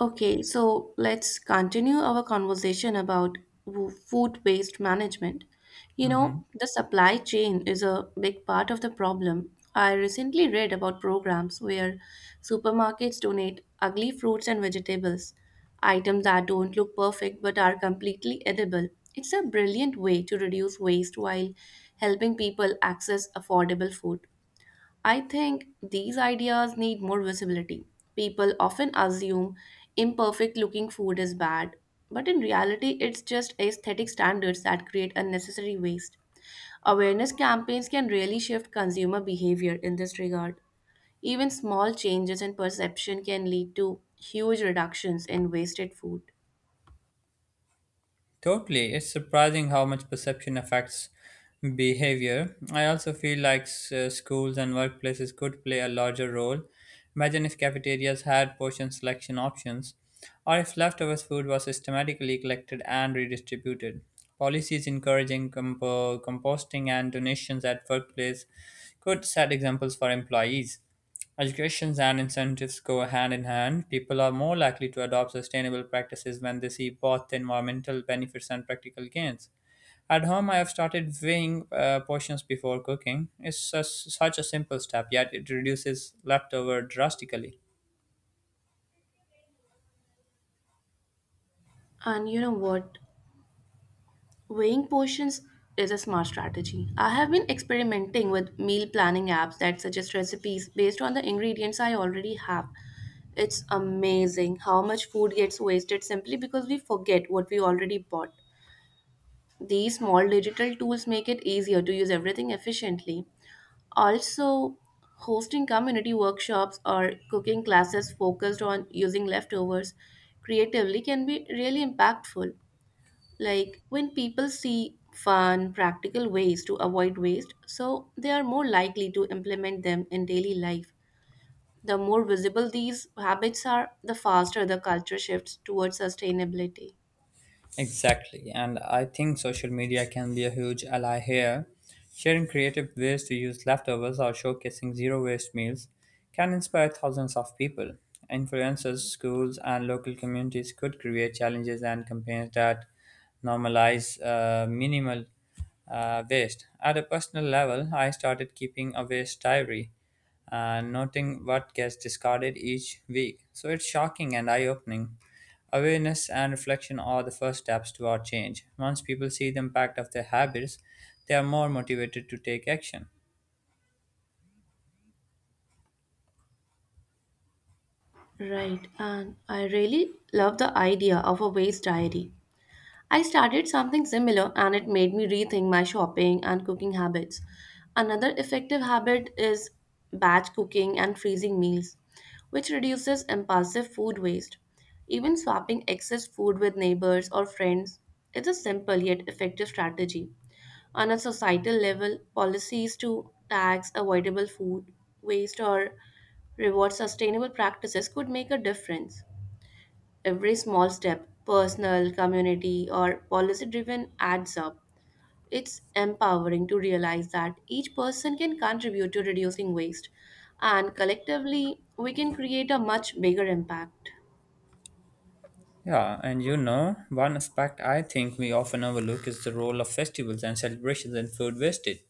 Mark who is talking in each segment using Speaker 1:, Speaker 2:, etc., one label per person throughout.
Speaker 1: Okay, so let's continue our conversation about food waste management. You know,
Speaker 2: Hmm.
Speaker 1: the supply chain is a big part of the problem. I recently read about programs where supermarkets donate ugly fruits and vegetables, items that don't look perfect but are completely edible. It's a brilliant way to reduce waste while helping people access affordable food. I think these ideas need more visibility. People often assume imperfect looking food is bad, but in reality, it's just aesthetic standards that create unnecessary waste. Awareness campaigns can really shift consumer behavior in this regard. Even small changes in perception can lead to huge reductions in wasted food.
Speaker 2: Totally. It's surprising how much perception affects behavior. I also feel like schools and workplaces could play a larger role. Imagine if cafeterias had portion selection options, or if leftovers food was systematically collected and redistributed. Policies encouraging composting and donations at workplace could set examples for employees. Education and incentives go hand in hand. People are more likely to adopt sustainable practices when they see both environmental benefits and practical gains. At home, I have started weighing portions before cooking. It's such a simple step, yet it reduces leftover drastically.
Speaker 1: And you know what? Weighing portions is a smart strategy. I have been experimenting with meal planning apps that suggest recipes based on the ingredients I already have. It's amazing how much food gets wasted simply because we forget what we already bought. These small digital tools make it easier to use everything efficiently. Also, hosting community workshops or cooking classes focused on using leftovers creatively can be really impactful. Like when people see fun, practical ways to avoid waste, so they are more likely to implement them in daily life. The more visible these habits are, the faster the culture shifts towards sustainability.
Speaker 2: Exactly, and I think social media can be a huge ally here. Sharing creative ways to use leftovers or showcasing zero waste meals can inspire thousands of people. Influencers, schools, and local communities could create challenges and campaigns that normalize minimal waste. At a personal level, I started keeping a waste diary and noting what gets discarded each week. So it's shocking and eye opening. Awareness and reflection are the first steps toward change. Once people see the impact of their habits, they are more motivated to take action.
Speaker 1: Right, and I really love the idea of a waste diary. I started something similar and it made me rethink my shopping and cooking habits. Another effective habit is batch cooking and freezing meals, which reduces impulsive food waste. Even swapping excess food with neighbors or friends is a simple yet effective strategy. On a societal level, policies to tax avoidable food waste or reward sustainable practices could make a difference. Every small step, personal, community, or policy driven, adds up. It's empowering to realize that each person can contribute to reducing waste, and collectively, we can create a much bigger impact.
Speaker 2: Yeah, and you know, one aspect I think we often overlook is the role of festivals and celebrations in food wastage.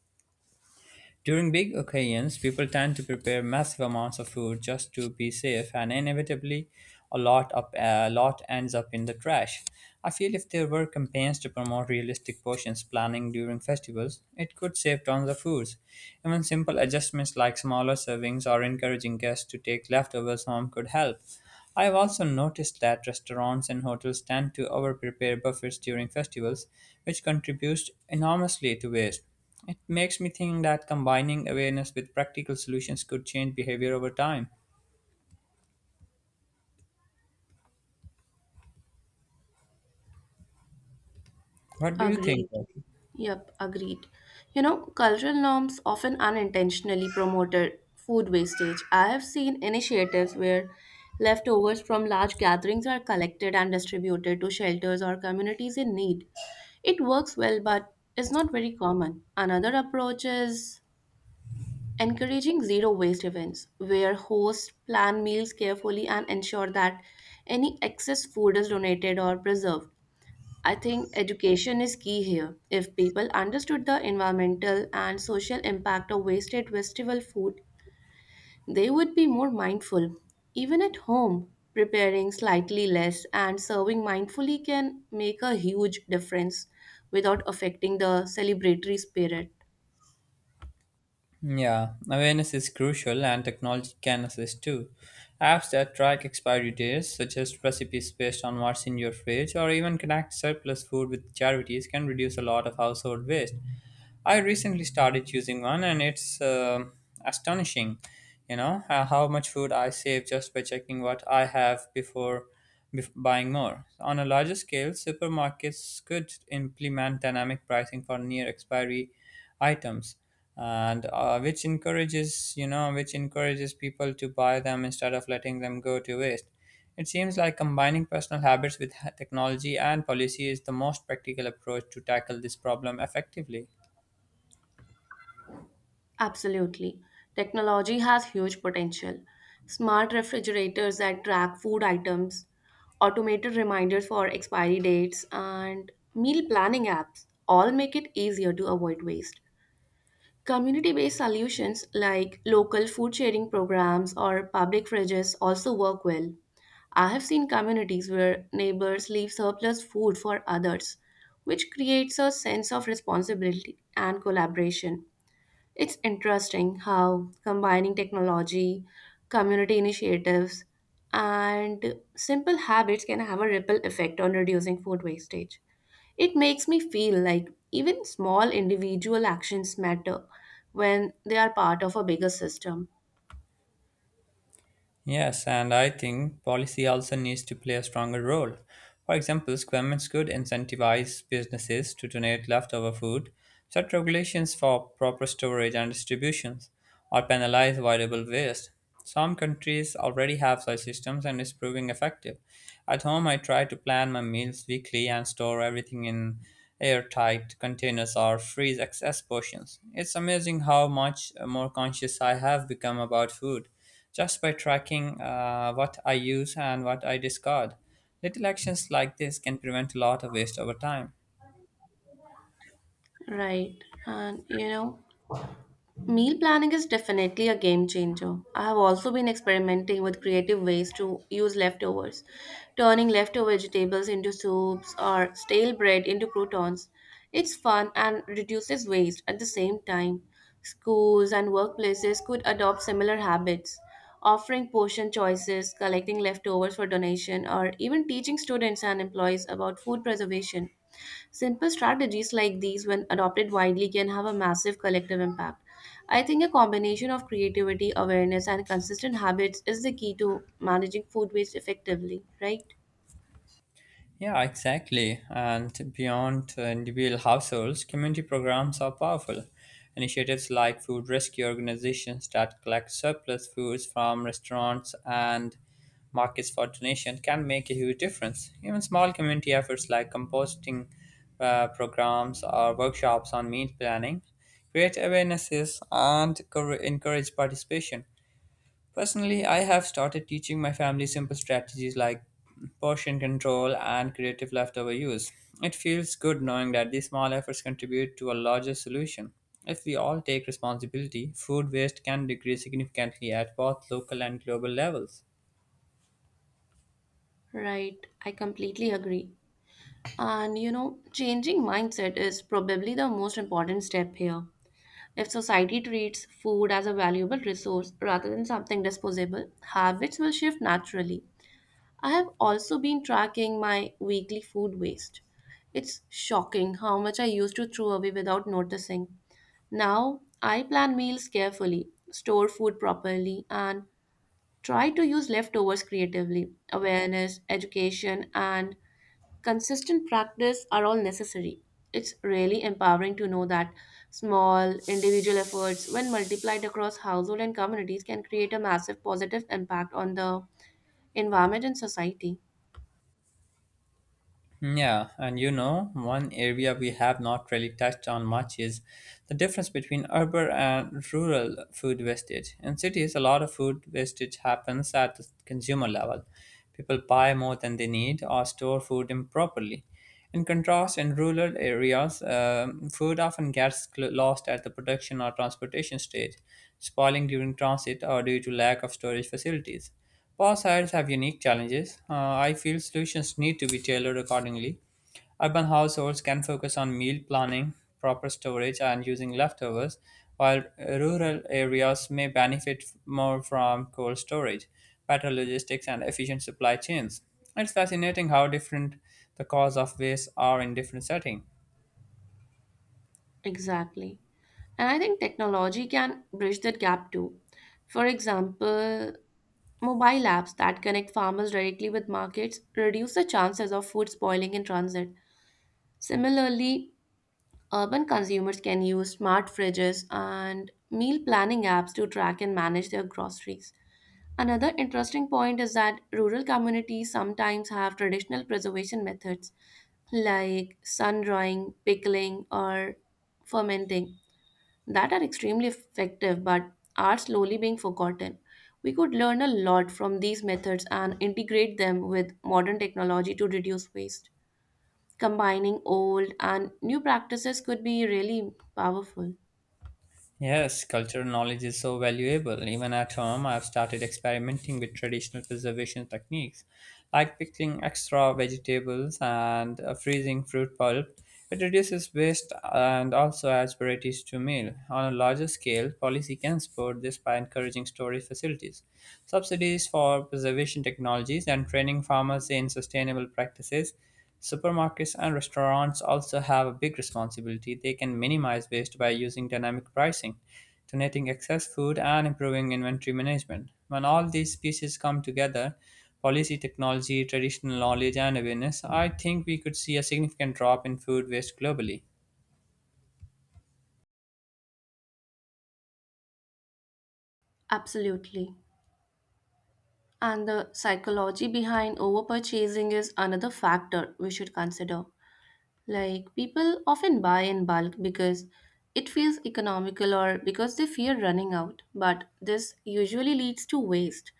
Speaker 2: During big occasions, people tend to prepare massive amounts of food just to be safe, and inevitably, a lot ends up in the trash. I feel if there were campaigns to promote realistic portions planning during festivals, it could save tons of foods. Even simple adjustments like smaller servings or encouraging guests to take leftovers home could help. I have also noticed that restaurants and hotels tend to over prepare buffets during festivals, which contributes enormously to waste. It makes me think that combining awareness with practical solutions could change behavior over time. What do you think,
Speaker 1: Agreed.
Speaker 2: Rocky?
Speaker 1: Yep, agreed. You know, cultural norms often unintentionally promoted food wastage. I have seen initiatives where leftovers from large gatherings are collected and distributed to shelters or communities in need. It works well, but is not very common. Another approach is encouraging zero waste events, where hosts plan meals carefully and ensure that any excess food is donated or preserved. I think education is key here. If people understood the environmental and social impact of wasted vegetable food, they would be more mindful. Even at home, preparing slightly less and serving mindfully can make a huge difference without affecting the celebratory spirit.
Speaker 2: Yeah, awareness is crucial and technology can assist too. Apps that track expiry dates, suggest recipes based on what's in your fridge, or even connect surplus food with charities can reduce a lot of household waste. I recently started using one, and it's astonishing, how much food I save just by checking what I have before buying more. On a larger scale, supermarkets could implement dynamic pricing for near expiry items, and which encourages, which encourages people to buy them instead of letting them go to waste. It seems like combining personal habits with technology and policy is the most practical approach to tackle this problem effectively.
Speaker 1: Absolutely. Technology has huge potential. Smart refrigerators that track food items, automated reminders for expiry dates, and meal planning apps all make it easier to avoid waste. Community based solutions like local food sharing programs or public fridges also work well. I have seen communities where neighbors leave surplus food for others, which creates a sense of responsibility and collaboration. It's interesting how combining technology, community initiatives, and simple habits can have a ripple effect on reducing food wastage. It makes me feel like even small individual actions matter when they are part of a bigger system.
Speaker 2: Yes, and I think policy also needs to play a stronger role. For example, governments could incentivize businesses to donate leftover food, set regulations for proper storage and distributions, or penalize avoidable waste. Some countries already have such systems and it's proving effective. At home, I try to plan my meals weekly and store everything in airtight containers or freeze excess portions. It's amazing how much more conscious I have become about food just by tracking what I use and what I discard. Little actions like this can prevent a lot of waste over time.
Speaker 1: Right. And you know, meal planning is definitely a game changer. I have also been experimenting with creative ways to use leftovers, turning leftover vegetables into soups or stale bread into croutons. It's fun and reduces waste at the same time. Schools and workplaces could adopt similar habits, offering portion choices, collecting leftovers for donation, or even teaching students and employees about food preservation. Simple strategies like these, when adopted widely, can have a massive collective impact. I think a combination of creativity, awareness, and consistent habits is the key to managing food waste effectively, right?
Speaker 2: Yeah, exactly. And beyond individual households, community programs are powerful. Initiatives like food rescue organizations that collect surplus foods from restaurants and markets for donation can make a huge difference. Even small community efforts like composting programs or workshops on meal planning create awarenesses and encourage participation. Personally, I have started teaching my family simple strategies like portion control and creative leftover use. It feels good knowing that these small efforts contribute to a larger solution. If we all take responsibility, food waste can decrease significantly at both local and global levels.
Speaker 1: Right, I completely agree. And you know, changing mindset is probably the most important step here. If society treats food as a valuable resource rather than something disposable, habits will shift naturally. I have also been tracking my weekly food waste. It's shocking how much I used to throw away without noticing. Now, I plan meals carefully, store food properly, and try to use leftovers creatively. Awareness, education, and consistent practice are all necessary. It's really empowering to know that small, individual efforts, when multiplied across household and communities, can create a massive positive impact on the environment and society.
Speaker 2: Yeah, and you know, one area we have not really touched on much is the difference between urban and rural food wastage. In cities, a lot of food wastage happens at the consumer level. People buy more than they need or store food improperly. In contrast, in rural areas, food often gets lost at the production or transportation stage, spoiling during transit or due to lack of storage facilities. Poor sites have unique challenges. I feel solutions need to be tailored accordingly. Urban households can focus on meal planning, proper storage, and using leftovers, while rural areas may benefit more from cold storage, better logistics, and efficient supply chains. It's fascinating how different the cause of waste are in different settings.
Speaker 1: Exactly. And I think technology can bridge that gap too. For example, mobile apps that connect farmers directly with markets reduce the chances of food spoiling in transit. Similarly, urban consumers can use smart fridges and meal planning apps to track and manage their groceries. Another interesting point is that rural communities sometimes have traditional preservation methods like sun drying, pickling, or fermenting that are extremely effective but are slowly being forgotten. We could learn a lot from these methods and integrate them with modern technology to reduce waste. Combining old and new practices could be really powerful.
Speaker 2: Yes, cultural knowledge is so valuable. Even at home, I've started experimenting with traditional preservation techniques, like pickling extra vegetables and freezing fruit pulp. It reduces waste and also adds varieties to meal. On a larger scale, policy can support this by encouraging storage facilities, subsidies for preservation technologies, and training farmers in sustainable practices. Supermarkets and restaurants also have a big responsibility. They can minimize waste by using dynamic pricing, donating excess food, and improving inventory management. When all these pieces come together, policy, technology, traditional knowledge, and awareness, I think we could see a significant drop in food waste globally.
Speaker 1: Absolutely. And the psychology behind overpurchasing is another factor we should consider. Like, people often buy in bulk because it feels economical or because they fear running out, but this usually leads to waste.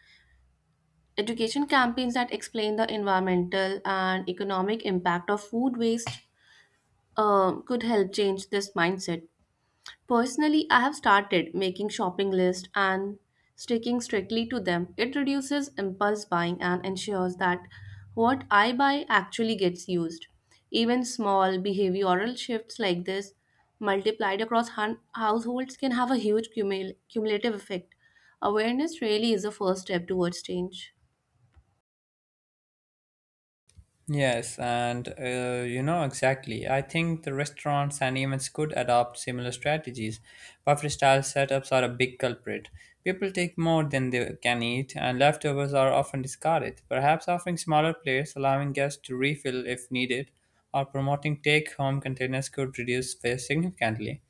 Speaker 1: Education campaigns that explain the environmental and economic impact of food waste could help change this mindset. Personally, I have started making shopping lists and sticking strictly to them. It reduces impulse buying and ensures that what I buy actually gets used. Even small behavioral shifts like this, multiplied across households, can have a huge cumulative effect. Awareness really is a first step towards change.
Speaker 2: Yes, and you know, exactly. I think the restaurants and events could adopt similar strategies. Buffet style setups are a big culprit. People take more than they can eat, and leftovers are often discarded. Perhaps offering smaller plates, allowing guests to refill if needed, or promoting take home containers could reduce waste significantly.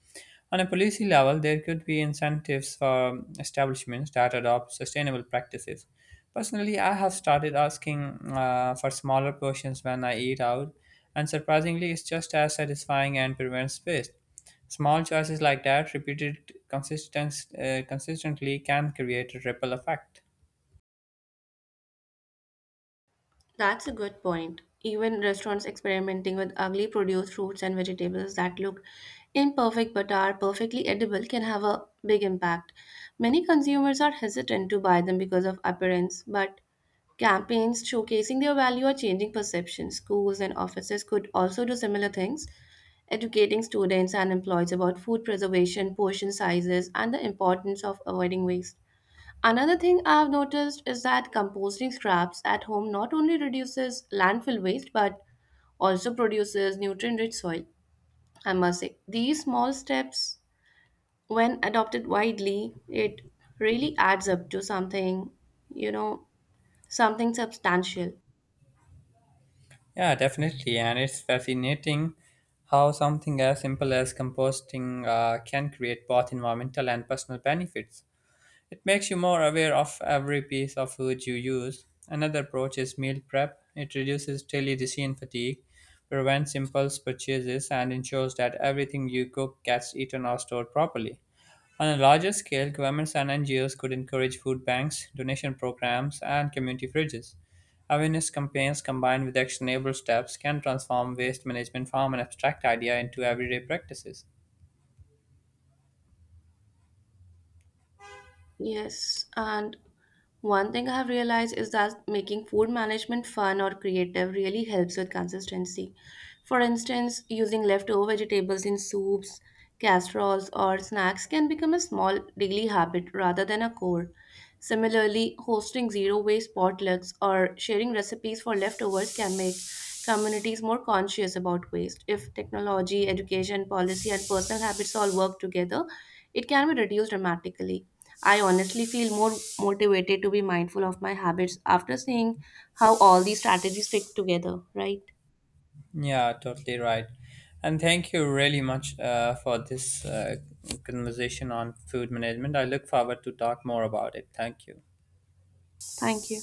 Speaker 2: On a policy level, there could be incentives for establishments that adopt sustainable practices. Personally, I have started asking for smaller portions when I eat out, and surprisingly, it's just as satisfying and prevents waste. Small choices like that, repeated consistently, can create a ripple effect.
Speaker 1: That's a good point. Even restaurants experimenting with ugly produce, fruits, and vegetables that look imperfect but are perfectly edible can have a big impact. Many consumers are hesitant to buy them because of appearance, but campaigns showcasing their value are changing perception. Schools and offices could also do similar things, educating students and employees about food preservation, portion sizes, and the importance of avoiding waste. Another thing I've noticed is that composting scraps at home not only reduces landfill waste but also produces nutrient rich soil. I must say, these small steps, when adopted widely, it really adds up to you know, something substantial.
Speaker 2: Yeah, definitely, and it's fascinating how something as simple as composting can create both environmental and personal benefits. It makes you more aware of every piece of food you use. Another approach is meal prep. It reduces daily decision fatigue, prevents impulse purchases, and ensures that everything you cook gets eaten or stored properly. On a larger scale, governments and NGOs could encourage food banks, donation programs, and community fridges. Awareness campaigns combined with actionable steps can transform waste management from an abstract idea into everyday practices.
Speaker 1: Yes, and one thing I have realized is that making food management fun or creative really helps with consistency. For instance, using leftover vegetables in soups, casseroles, or snacks can become a small daily habit rather than a chore. Similarly, hosting zero waste potlucks or sharing recipes for leftovers can make communities more conscious about waste. If technology, education, policy, and personal habits all work together, it can be reduced dramatically. I honestly feel more motivated to be mindful of my habits after seeing how all these strategies fit together, right?
Speaker 2: Yeah, totally right. And thank you really much for this conversation on food management. I look forward to talk more about it. Thank you.
Speaker 1: Thank you.